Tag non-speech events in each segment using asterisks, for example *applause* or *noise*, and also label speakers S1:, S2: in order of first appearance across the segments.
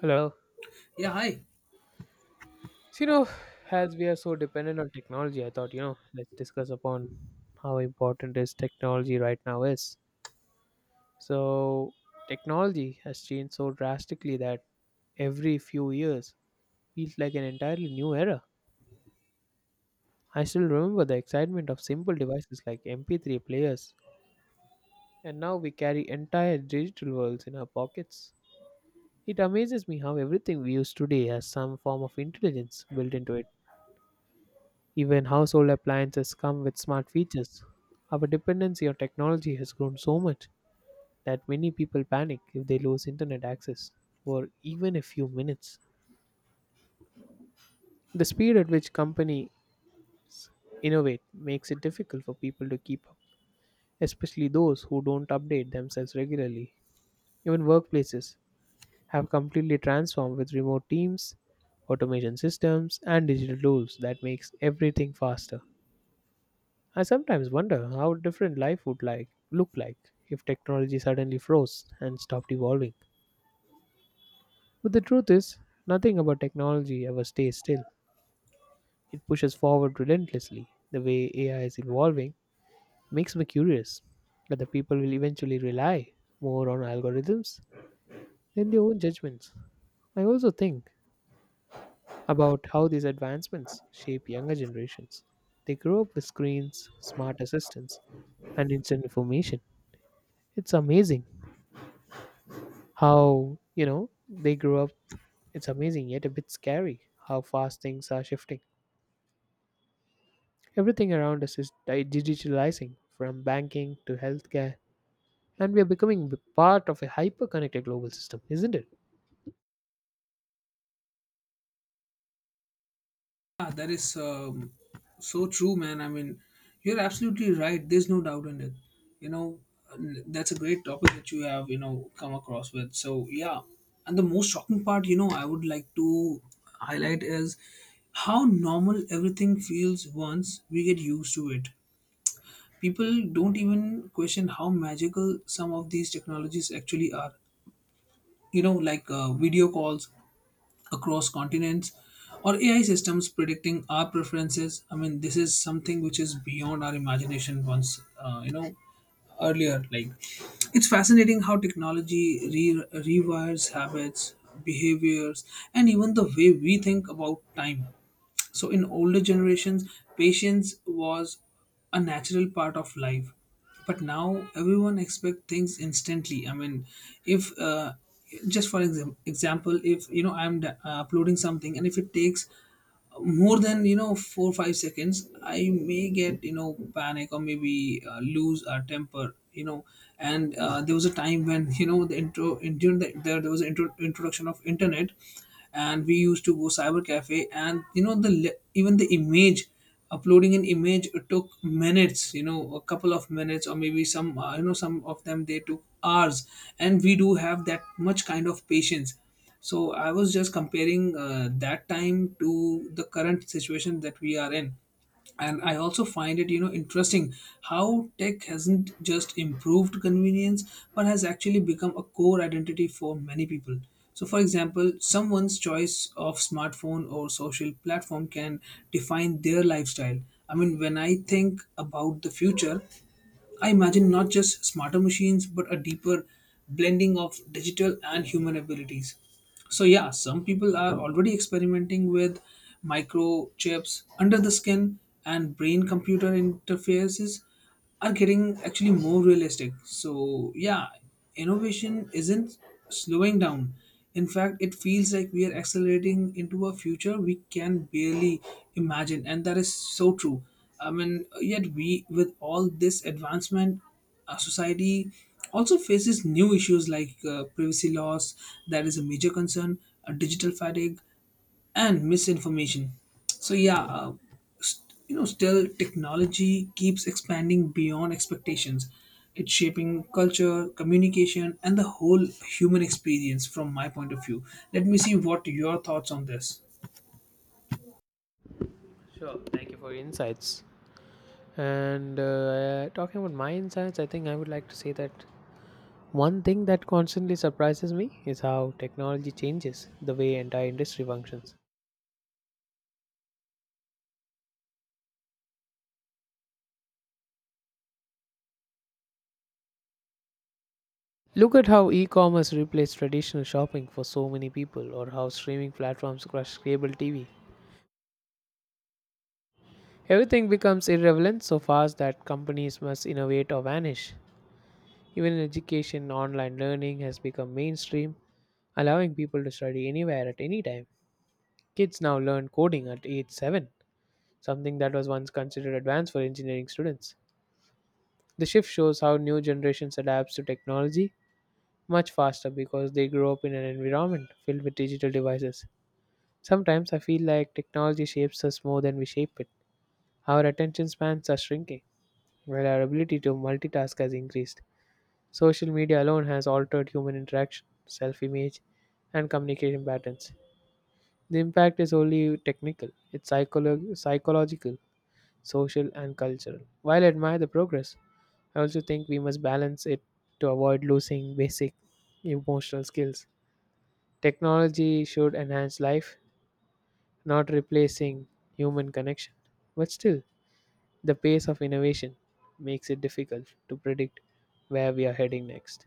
S1: Hello.
S2: Yeah, hi.
S1: So, you know, as we are so dependent on technology, I thought, you know, let's discuss upon how important is technology right now is. So, technology has changed so drastically that every few years feels like an entirely new era. I still remember the excitement of simple devices like MP3 players, and now we carry entire digital worlds in our pockets. It amazes me how everything we use today has some form of intelligence built into it. Even household appliances come with smart features. Our dependency on technology has grown so much that many people panic if they lose internet access for even a few minutes. The speed at which companies innovate makes it difficult for people to keep up, especially those who don't update themselves regularly. Even workplaces have completely transformed with remote teams, automation systems, and digital tools that makes everything faster. I sometimes wonder how different life would like look like if technology suddenly froze and stopped evolving. But the truth is, nothing about technology ever stays still. It pushes forward relentlessly. The way AI is evolving makes me curious that the people will eventually rely more on algorithms than their own judgments. I also think about how these advancements shape younger generations. They grow up with screens, smart assistants, and instant information. It's amazing how you know they grew up it's amazing yet a bit scary how fast things are shifting. Everything around us is digitalizing, from banking to healthcare, and we are becoming part of a hyper connected global system, isn't it?
S2: Yeah, that is so true, man. I mean, you're absolutely right. There's no doubt in it. You know, that's a great topic that you have, you know, come across with. So, yeah. And the most shocking part, you know, I would like to highlight is how normal everything feels once we get used to it. People don't even question how magical some of these technologies actually are. You know, like video calls, across continents, or AI systems predicting our preferences. I mean, this is something which is beyond our imagination once, you know, earlier, it's fascinating how rewires habits, behaviors, and even the way we think about time. So in older generations patience was a natural part of life, but now everyone expects things instantly. I mean, if just example, if you know I'm uploading something and if it takes more than, you know, 4 5 seconds, I may get, you know, panic, or maybe lose our temper, you know. And there was a time when *laughs* you know the intro in, during the, there was an introduction of internet, and we used to go cyber cafe, and you know even the image, uploading an image, it took minutes, you know, a couple of minutes, or maybe some you know, some of them they took hours, and we do have that much kind of patience. So I was just comparing that time to the current situation that we are in. And I also find it, you know, interesting how tech hasn't just improved convenience, but has actually become a core identity for many people. So, for example, someone's choice of smartphone or social platform can define their lifestyle. I mean, when I think about the future, I imagine not just smarter machines, but a deeper blending of digital and human abilities. So, yeah, some people are already experimenting with microchips under the skin, and brain computer interfaces are getting actually more realistic. So, yeah, innovation isn't slowing down. In fact, it feels like we are accelerating into a future we can barely imagine, and that is so true. I mean, yet we, with all this advancement, our society also faces new issues like privacy laws, that is a major concern, digital fatigue, and misinformation. So yeah, you know, still technology keeps expanding beyond expectations. It's shaping culture, communication, and the whole human experience from my point of view. Let me see what your thoughts on this.
S1: Sure, thank you for your insights. And talking about my insights, I think I would like to say that one thing that constantly surprises me is how technology changes the way entire industry functions. Look at how e commerce replaced traditional shopping for so many people, or how streaming platforms crushed cable TV. Everything becomes irrelevant so fast that companies must innovate or vanish. Even in education, online learning has become mainstream, allowing people to study anywhere at any time. Kids now learn coding at age 7, something that was once considered advanced for engineering students. The shift shows how new generations adapts to technology much faster because they grow up in an environment filled with digital devices. Sometimes I feel like technology shapes us more than we shape it. Our attention spans are shrinking, while our ability to multitask has increased. Social media alone has altered human interaction, self image, and communication patterns. The impact is only technical, it's psychological, social, and cultural. While I admire the progress, I also think we must balance it to avoid losing basic emotional skills. Technology should enhance life, not replacing human connection. But still, the pace of innovation makes it difficult to predict where we are heading next.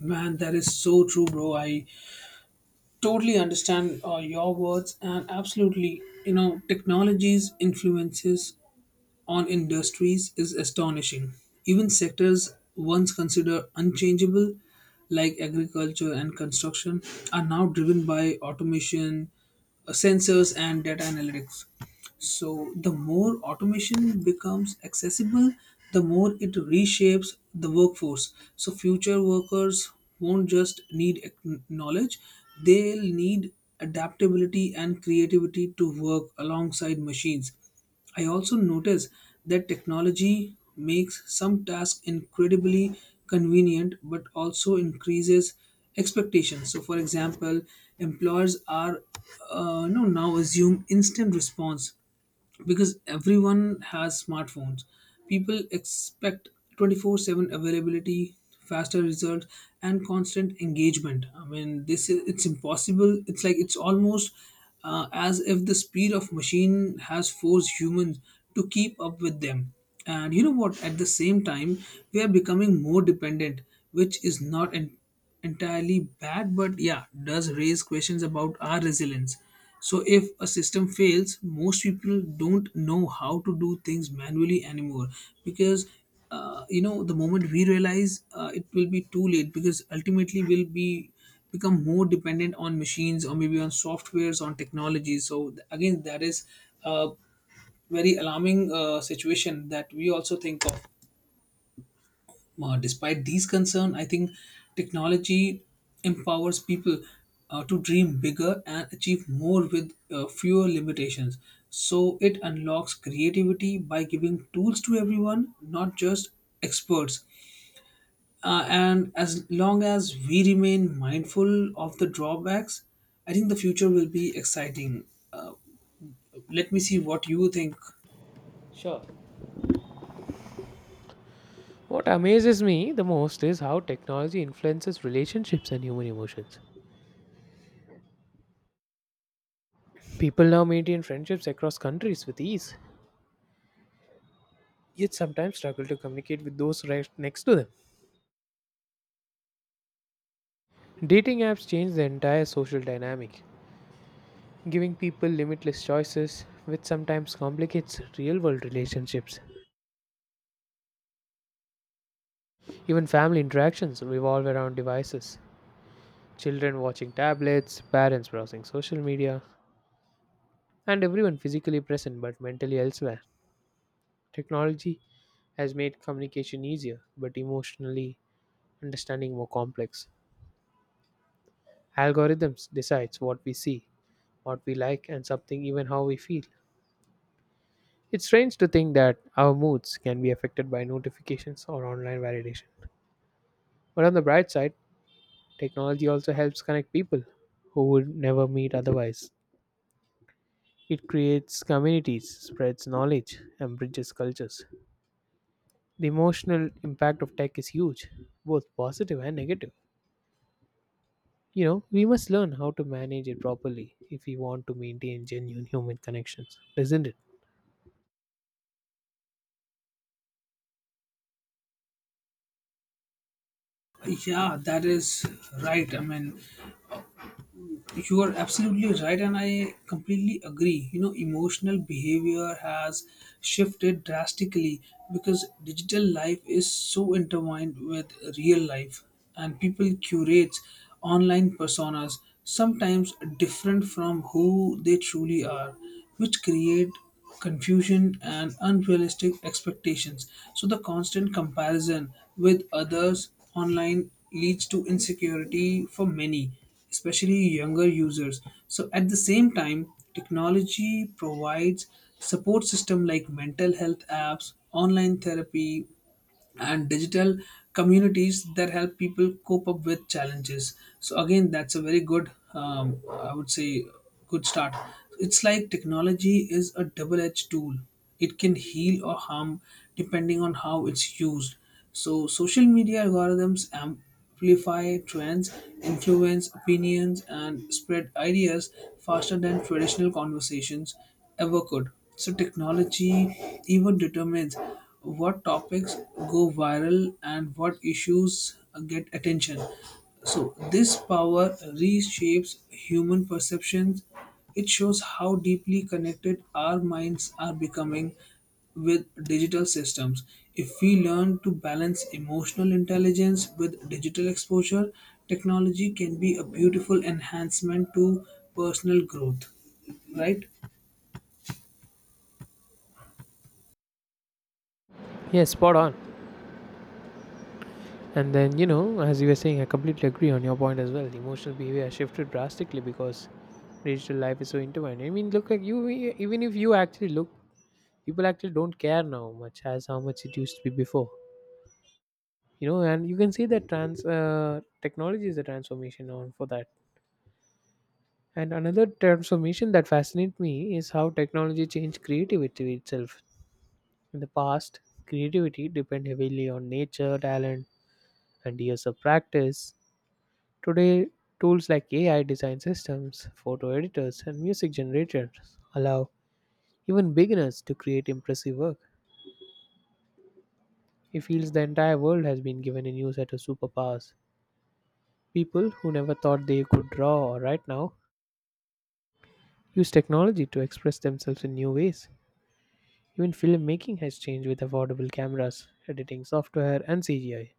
S2: Man, that is so true, bro. I totally understand your words, and absolutely, you know, technologies influences on industries is astonishing. Even sectors once considered unchangeable, like agriculture and construction, are now driven by automation, sensors, and data analytics. So, the more automation becomes accessible, the more it reshapes the workforce. So, future workers won't just need knowledge, they'll need adaptability and creativity to work alongside machines. I also notice that technology makes some tasks incredibly convenient but also increases expectations. So, for example, employers are you know, now assume instant response. Because everyone has smartphones, people expect 24/7 availability, faster results, and constant engagement. I mean, this is, it's impossible. It's like, it's almost as if the speed of machine has forced humans to keep up with them. And you know what, at the same time we are becoming more dependent, which is not entirely bad, but yeah, does raise questions about our resilience. So, if a system fails, most people don't know how to do things manually anymore because you know, the moment we realize it will be too late, because ultimately we'll be become more dependent on machines, or maybe on softwares, on technology. So again, that is a very alarming situation that we also think of. Despite these concerns, I think technology empowers people to dream bigger and achieve more with fewer limitations. So it unlocks creativity by giving tools to everyone, not just experts. And as long as we remain mindful of the drawbacks, I think the future will be exciting. Uh, Let me see what you think.
S1: Sure. What amazes me the most is how technology influences relationships and human emotions. People now maintain friendships across countries with ease, yet sometimes struggle to communicate with those right next to them. Dating apps change the entire social dynamic, giving people limitless choices, which sometimes complicates real world relationships. Even family interactions revolve around devices: children watching tablets, parents browsing social media, and everyone physically present but mentally elsewhere. Technology has made communication easier but emotionally understanding more complex. Algorithms decides what we see, what we like and something even how we feel. It's strange to think that our moods can be affected by notifications or online validation. But on the bright side, technology also helps connect people who would never meet otherwise. It creates communities, spreads knowledge, and bridges cultures. The emotional impact of tech is huge, both positive and negative. We must learn how to manage it properly if we want to maintain genuine human connections, isn't it?
S2: Yeah, that is right. I mean, you are absolutely right, and I completely agree. You know, emotional behavior has shifted drastically because digital life is so intertwined with real life, and people curate online personas sometimes different from who they truly are, which create confusion and unrealistic expectations. So the constant comparison with others online leads to insecurity for many, especially younger users. So at the same time, technology provides support system like mental health apps, online therapy, and digital communities that help people cope up with challenges. So again, that's a very good I would say, good start. It's like technology is a double-edged tool. It can heal or harm depending on how it's used. So social media algorithms am amplify trends, influence opinions, and spread ideas faster than traditional conversations ever could. So, technology even determines what topics go viral and what issues get attention. So, this power reshapes human perceptions. It shows how deeply connected our minds are becoming with digital systems. If we learn to balance emotional intelligence with digital exposure, technology can be a beautiful enhancement to personal growth. Right?
S1: Yes, spot on. And then, you know, as you were saying, I completely agree on your point as well. The emotional behavior has shifted drastically because digital life is so intertwined. I mean, look, like you, even if you actually look, people actually don't care now much as how much it used to be before. You know, and you can see that trans technology is the transformation on for that. And another transformation that fascinates me is how technology changed creativity itself. In the past, creativity depended heavily on nature talent and years of practice. Today, tools like AI design systems, photo editors, and music generators allow even beginners to create impressive work. It feels the entire world has been given a new set of superpowers. People who never thought they could draw or write now use technology to express themselves in new ways. Even filmmaking has changed with affordable cameras, editing software, and CGI.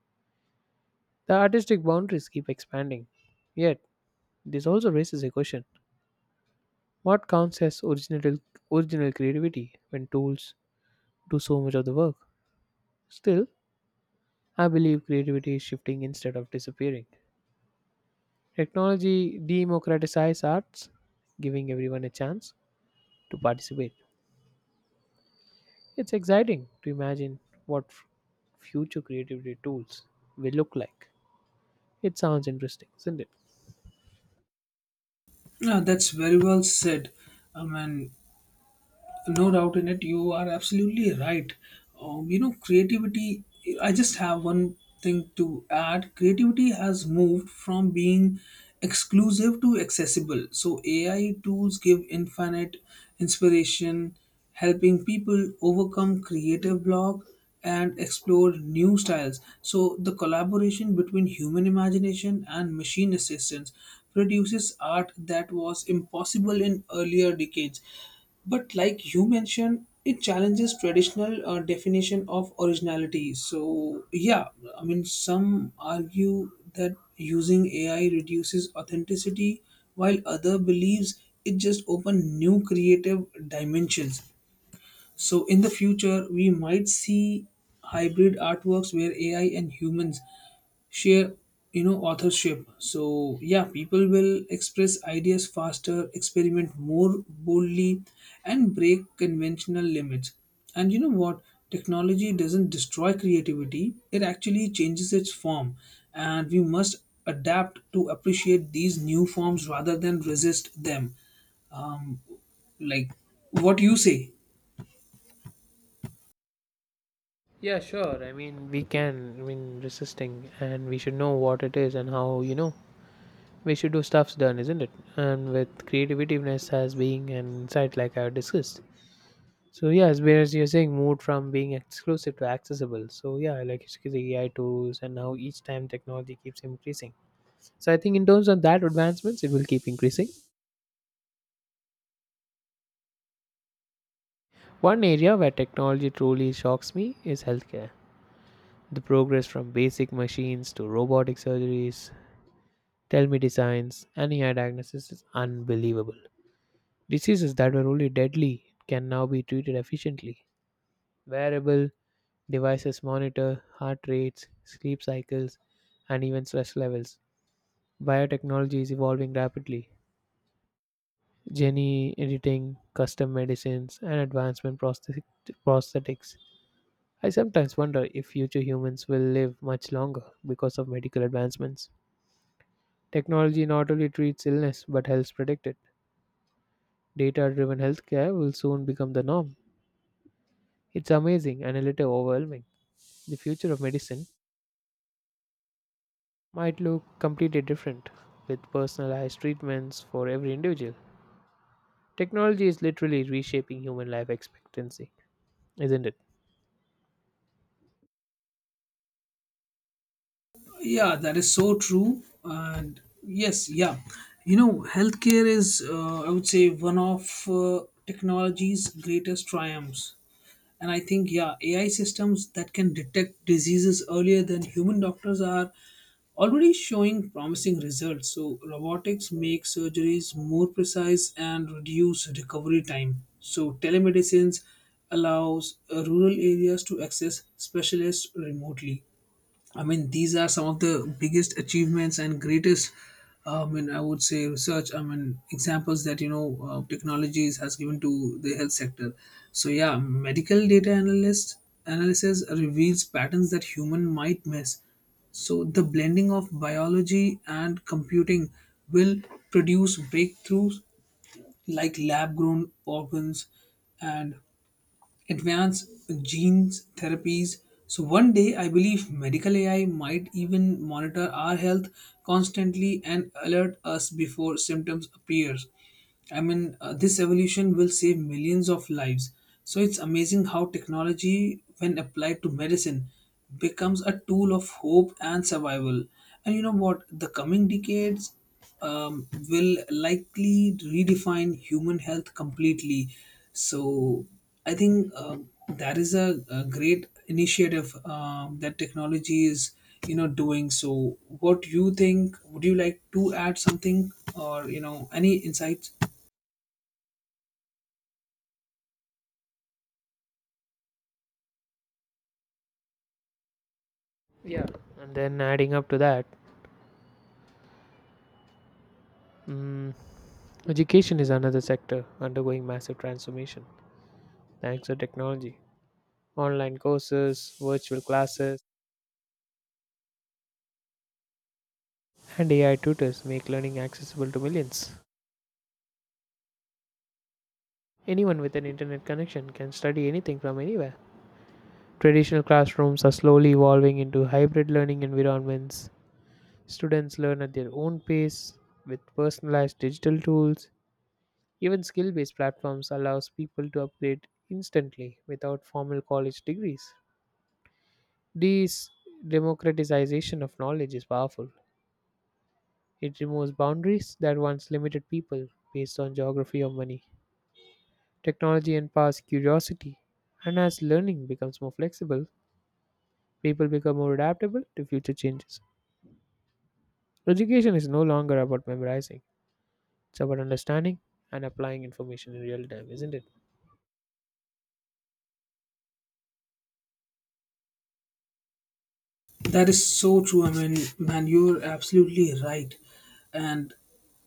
S1: The artistic boundaries keep expanding. Yet, this also raises a question: what counts as original creativity when tools do so much of the work? Still, I believe creativity is shifting instead of disappearing. Technology democratizes arts, giving everyone a chance to participate. It's exciting to imagine what future creativity tools will look like. It sounds interesting, isn't it?
S2: Yeah, that's very well said. I mean, no doubt in it. You are absolutely right. You know, creativity, I just have one thing to add. Creativity has moved from being exclusive to accessible. So, AI tools give infinite inspiration, helping people overcome creative block and explore new styles. So, the collaboration between human imagination and machine assistance produces art that was impossible in earlier decades. But like you mentioned, it challenges traditional definition of originality. So yeah, I mean, some argue that using AI reduces authenticity, while other believes it just open new creative dimensions. So in the future, we might see hybrid artworks where AI and humans share, you know, authorship. So yeah, people will express ideas faster, experiment more boldly, and break conventional limits. And you know what? Technology doesn't destroy creativity; it actually changes its form, and we must adapt to appreciate these new forms rather than resist them. Um, like what you say.
S1: Yeah, sure. I mean, we can. I mean, resisting, and we should know what it is and how. You know, we should do stuffs done, isn't it? And with creativeness as being an insight, like I discussed. So yeah, as whereas you're saying, moved from being exclusive to accessible. So yeah, like it's the AI tools, and now each time technology keeps increasing. So I think in terms of that advancements, it will keep increasing. One area where technology truly shocks me is healthcare. The progress from basic machines to robotic surgeries, telemedicines, and AI diagnosis is unbelievable. Diseases that were only deadly can now be treated efficiently. Wearable devices monitor heart rates, sleep cycles, and even stress levels. Biotechnology is evolving rapidly. Gene editing, custom medicines, and advancement prosthetics. I sometimes wonder if future humans will live much longer because of medical advancements. Technology not only treats illness but helps predict it. Data driven healthcare will soon become the norm. It's amazing and a little overwhelming. The future of medicine might look completely different with personalized treatments for every individual. Technology is literally reshaping human life expectancy, isn't it?
S2: Yeah, that is so true. And yes, yeah, you know, healthcare is, I would say, one of technology's greatest triumphs. And I think, yeah, AI systems that can detect diseases earlier than human doctors are already showing promising results. So, robotics make surgeries more precise and reduce recovery time. So, telemedicines allows rural areas to access specialists remotely. I mean, these are some of the biggest achievements and greatest, I mean, I would say research, I mean, examples that, you know, technologies has given to the health sector. So yeah, medical data analyst analysis reveals patterns that human might miss. So the blending of biology and computing will produce breakthroughs like lab grown organs and advanced genes therapies. So one day I believe medical AI might even monitor our health constantly and alert us before symptoms appear. I mean, this evolution will save millions of lives. So it's amazing how technology, when applied to medicine, becomes a tool of hope and survival. And you know what? The coming decades will likely redefine human health completely. So I think that is a great initiative that technology is, you know, doing. So what do you think? Would you like to add something or, you know, any insights?
S1: Yeah, and then adding up to that, mm, education is another sector undergoing massive transformation. Thanks to technology, online courses, virtual classes, and AI tutors make learning accessible to millions. Anyone with an internet connection can study anything from anywhere. Traditional classrooms are slowly evolving into hybrid learning environments. Students learn at their own pace with personalized digital tools. Even skill based platforms allows people to upgrade instantly without formal college degrees. This democratization of knowledge is powerful. It removes boundaries that once limited people based on geography or money, technology, and past curiosity. And as learning becomes more flexible, people become more adaptable to future changes. Education is no longer about memorizing, it's about understanding and applying information in real time, isn't it?
S2: That is so true. I mean, man, you're absolutely right. And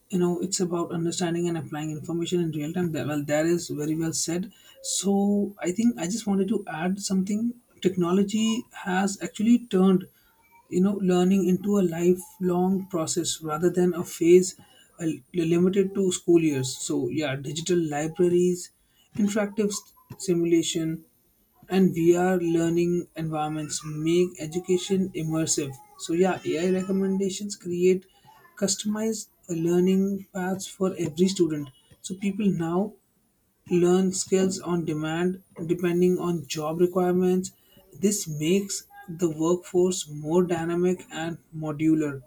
S2: you know, it's about understanding and applying information in real time. That, well, that is very well said. So I think I just wanted to add something. Technology has actually turned, you know, learning into a lifelong process rather than a phase uh, limited to school years. So yeah, digital libraries, simulation, and VR learning environments make education immersive. So yeah, AI recommendations create customized learning paths for every student. So people now learn skills on demand depending on job requirements. This makes the workforce more dynamic and modular.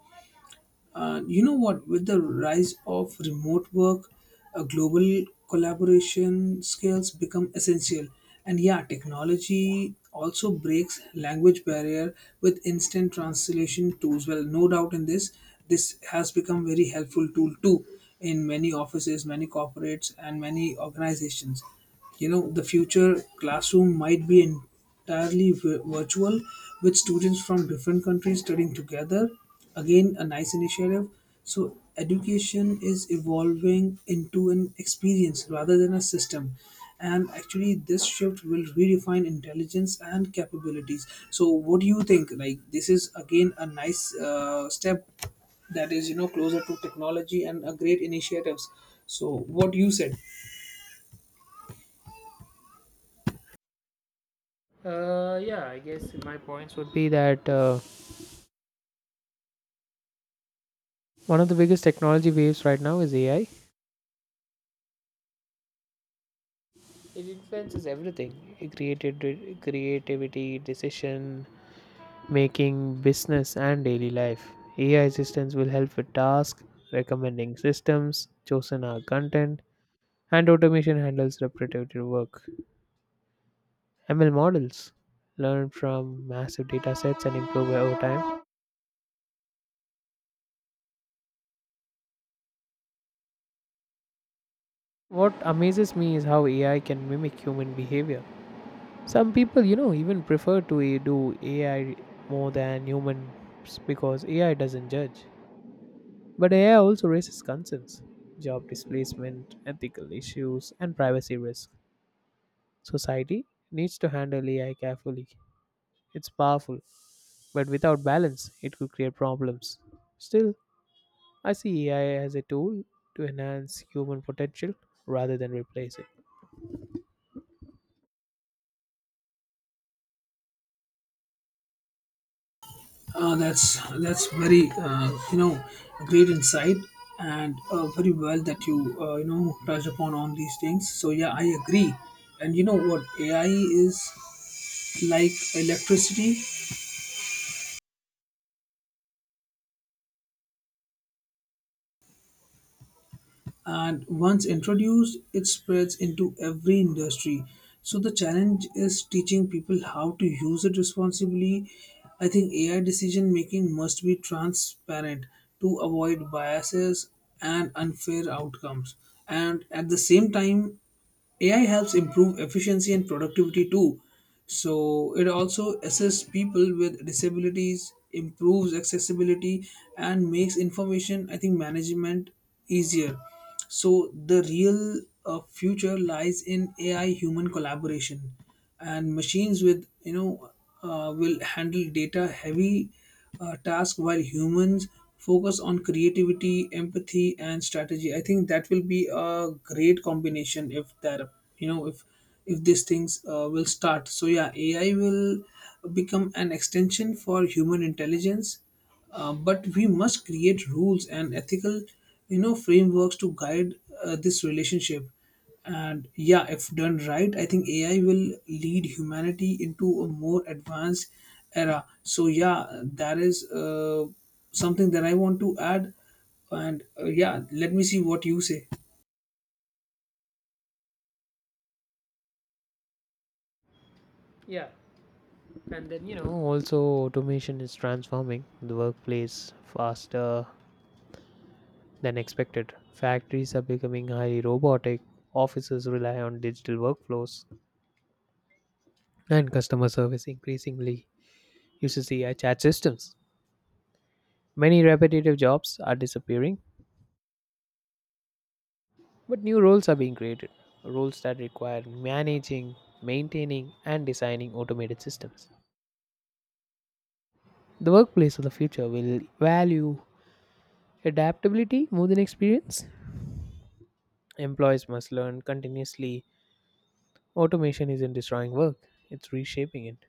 S2: You know what? With the rise of remote work, global collaboration skills become essential. And yeah, technology also breaks language barrier with instant translation tools. Well, no doubt in this, this has become very helpful tool too in many offices, many corporates, and many organizations. You know, the future classroom might be entirely virtual, with students from different countries studying together. Again, a nice initiative. So education is evolving into an experience rather than a system, and actually this shift will redefine intelligence and capabilities. So what do you think? Like, this is again a nice step that is, you know, closer to technology and a great initiatives. So what you said.
S1: Yeah, I guess my points would be that one of the biggest technology waves right now is AI. It influences everything: created creativity, decision making business and daily life. AI assistants will help with tasks, recommending systems, chosen our content, and automation handles repetitive work. ML models learn from massive data sets and improve over time. What amazes me is how AI can mimic human behavior. Some people, you know, even prefer to do AI more than humans because AI doesn't judge. But AI also raises concerns: job displacement, ethical issues, and privacy risk. Society needs to handle AI carefully. It's powerful, but without balance, it could create problems. Still, I see AI as a tool to enhance human potential rather than replace it.
S2: That's very you know, great insight, and very well that you you know, touched upon on these things. So yeah, I agree. And you know what, AI is like electricity, and once introduced, it spreads into every industry. So the challenge is teaching people how to use it responsibly. I think AI decision making must be transparent to avoid biases and unfair outcomes. And at the same time, AI helps improve efficiency and productivity too. So it also assists people with disabilities, improves accessibility, and makes information, I think, management easier. So the real future lies in AI human collaboration, and machines with, you know, will handle data heavy task while humans focus on creativity, empathy, and strategy. I think that will be a great combination, if that, you know, if these things will start. So yeah, AI will become an extension for human intelligence. But we must create rules and ethical, you know, frameworks to guide this relationship. And yeah, if done right, I think AI will lead humanity into a more advanced era. So yeah, that is something that I want to add. And yeah, let me see what you say.
S1: Yeah, and then you know, also automation is transforming the workplace faster than expected. Factories are becoming highly robotic, offices rely on digital workflows, and customer service increasingly uses AI chat systems. Many repetitive jobs are disappearing, but new roles are being created: roles that require managing, maintaining, and designing automated systems. The workplace of the future will value adaptability more than experience. Employees must learn continuously. Automation isn't destroying work, it's reshaping it.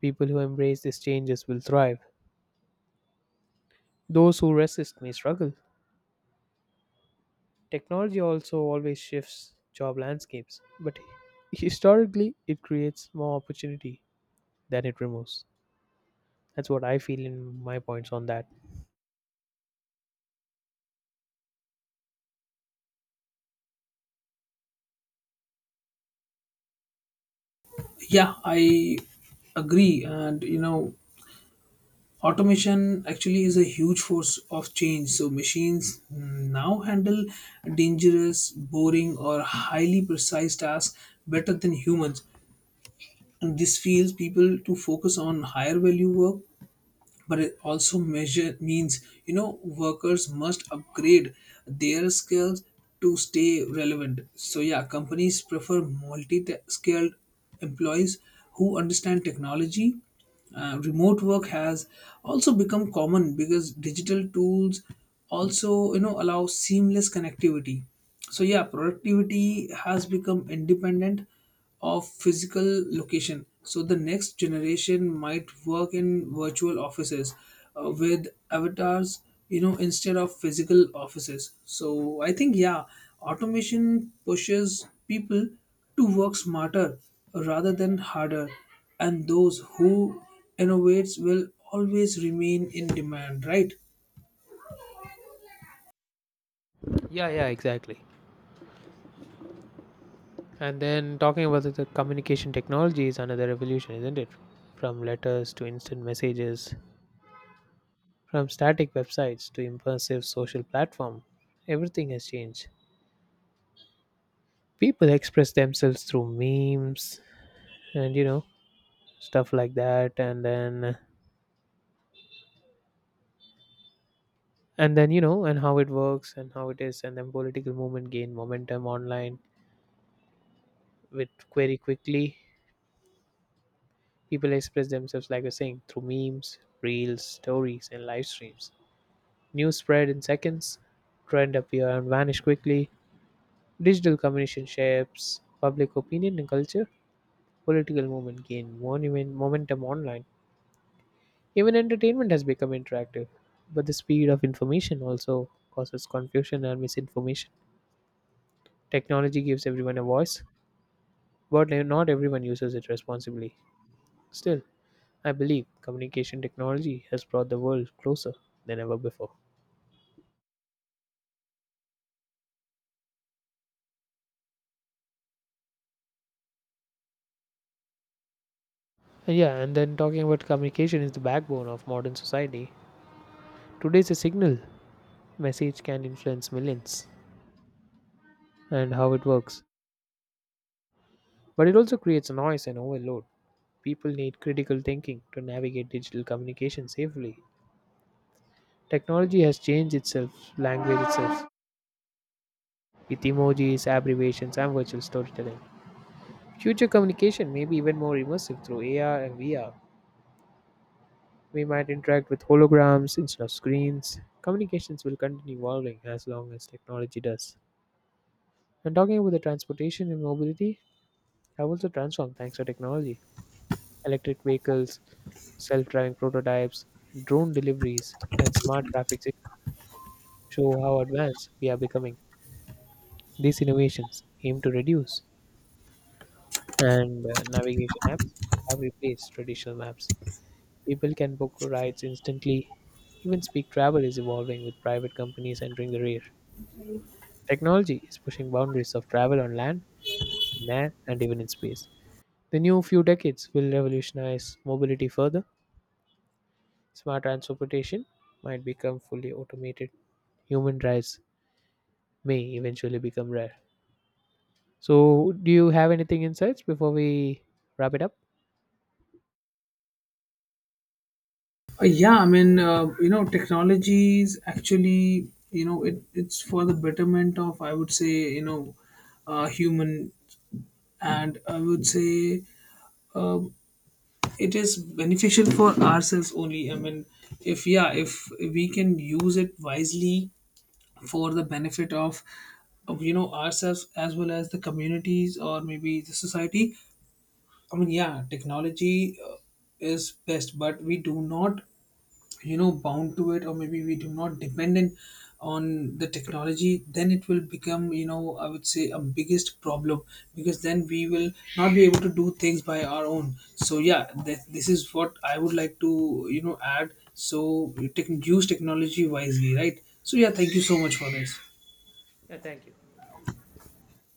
S1: People who embrace these changes will thrive. Those who resist may struggle. Technology also always shifts job landscapes, but historically it creates more opportunity than it removes. That's what I feel in my points on that.
S2: Yeah, I agree. And you know, automation actually is a huge force of change. So machines now handle dangerous, boring, or highly precise tasks better than humans. This feels people to focus on higher value work, but it also measure means, you know, workers must upgrade their skills to stay relevant. So yeah, companies prefer multi-skilled employees who understand technology. Uh, remote work has also become common because digital tools also, you know, allow seamless connectivity. So yeah, productivity has become independent of physical location. So the next generation might work in virtual offices, with avatars, you know, instead of physical offices. So I think, yeah, automation pushes people to work smarter rather than harder. And those who innovates will always remain in demand, right?
S1: Yeah, yeah, exactly. And then talking about the communication technology is another revolution, isn't it? From letters to instant messages, from static websites to immersive social platform, everything has changed. People express themselves through memes and you know stuff like that and then you know and how it works and how it is and then political movement gain momentum online with query quickly. People express themselves, like you're saying, through memes, reels, stories, and live streams. News spread in seconds, trend appear and vanish quickly. Digital communication shapes public opinion and culture. Political movement gain monument momentum online. Even entertainment has become interactive, but the speed of information also causes confusion and misinformation. Technology gives everyone a voice, but not everyone uses it responsibly. Still, I believe communication technology has brought the world closer than ever before. And yeah, and then talking about communication is the backbone of modern society. Today's a signal message can influence millions and how it works, but it also creates noise and overload. People need critical thinking to navigate digital communication safely. Technology has changed itself, language itself, with emojis, abbreviations, and virtual storytelling. Future communication may be even more immersive through AR and VR. We might interact with holograms instead of screens. Communications will continue evolving as long as technology does. And talking about the transportation and mobility, have also transformed thanks to technology. Electric vehicles, self driving prototypes, drone deliveries, and smart traffic systems show how advanced we are becoming. These innovations aim to reduce, and navigation apps have replaced traditional maps. People can book rides instantly. Even speak travel is evolving with private companies entering the rear. Technology is pushing boundaries of travel on land, in air, and even in space. The new few decades will revolutionize mobility further. Smart transportation might become fully automated. Human drives may eventually become rare. So, do you have anything insights before we wrap it up?
S2: Yeah, I mean, you know, technology is actually, you know, it's for the betterment of, I would say, you know, human, and I would say um it is beneficial for ourselves only. I mean, if, yeah, if we can use it wisely for the benefit of, you know, ourselves as well as the communities, or maybe the society. I mean, yeah, technology is best, but we do not, you know, bound to it, or maybe we do not dependent on the technology, then it will become, you know, I would say, a biggest problem, because then we will not be able to do things by our own. So yeah, this is what I would like to, you know, add. So you use technology wisely, right? So yeah, thank you so much for this.
S1: Yeah, thank you.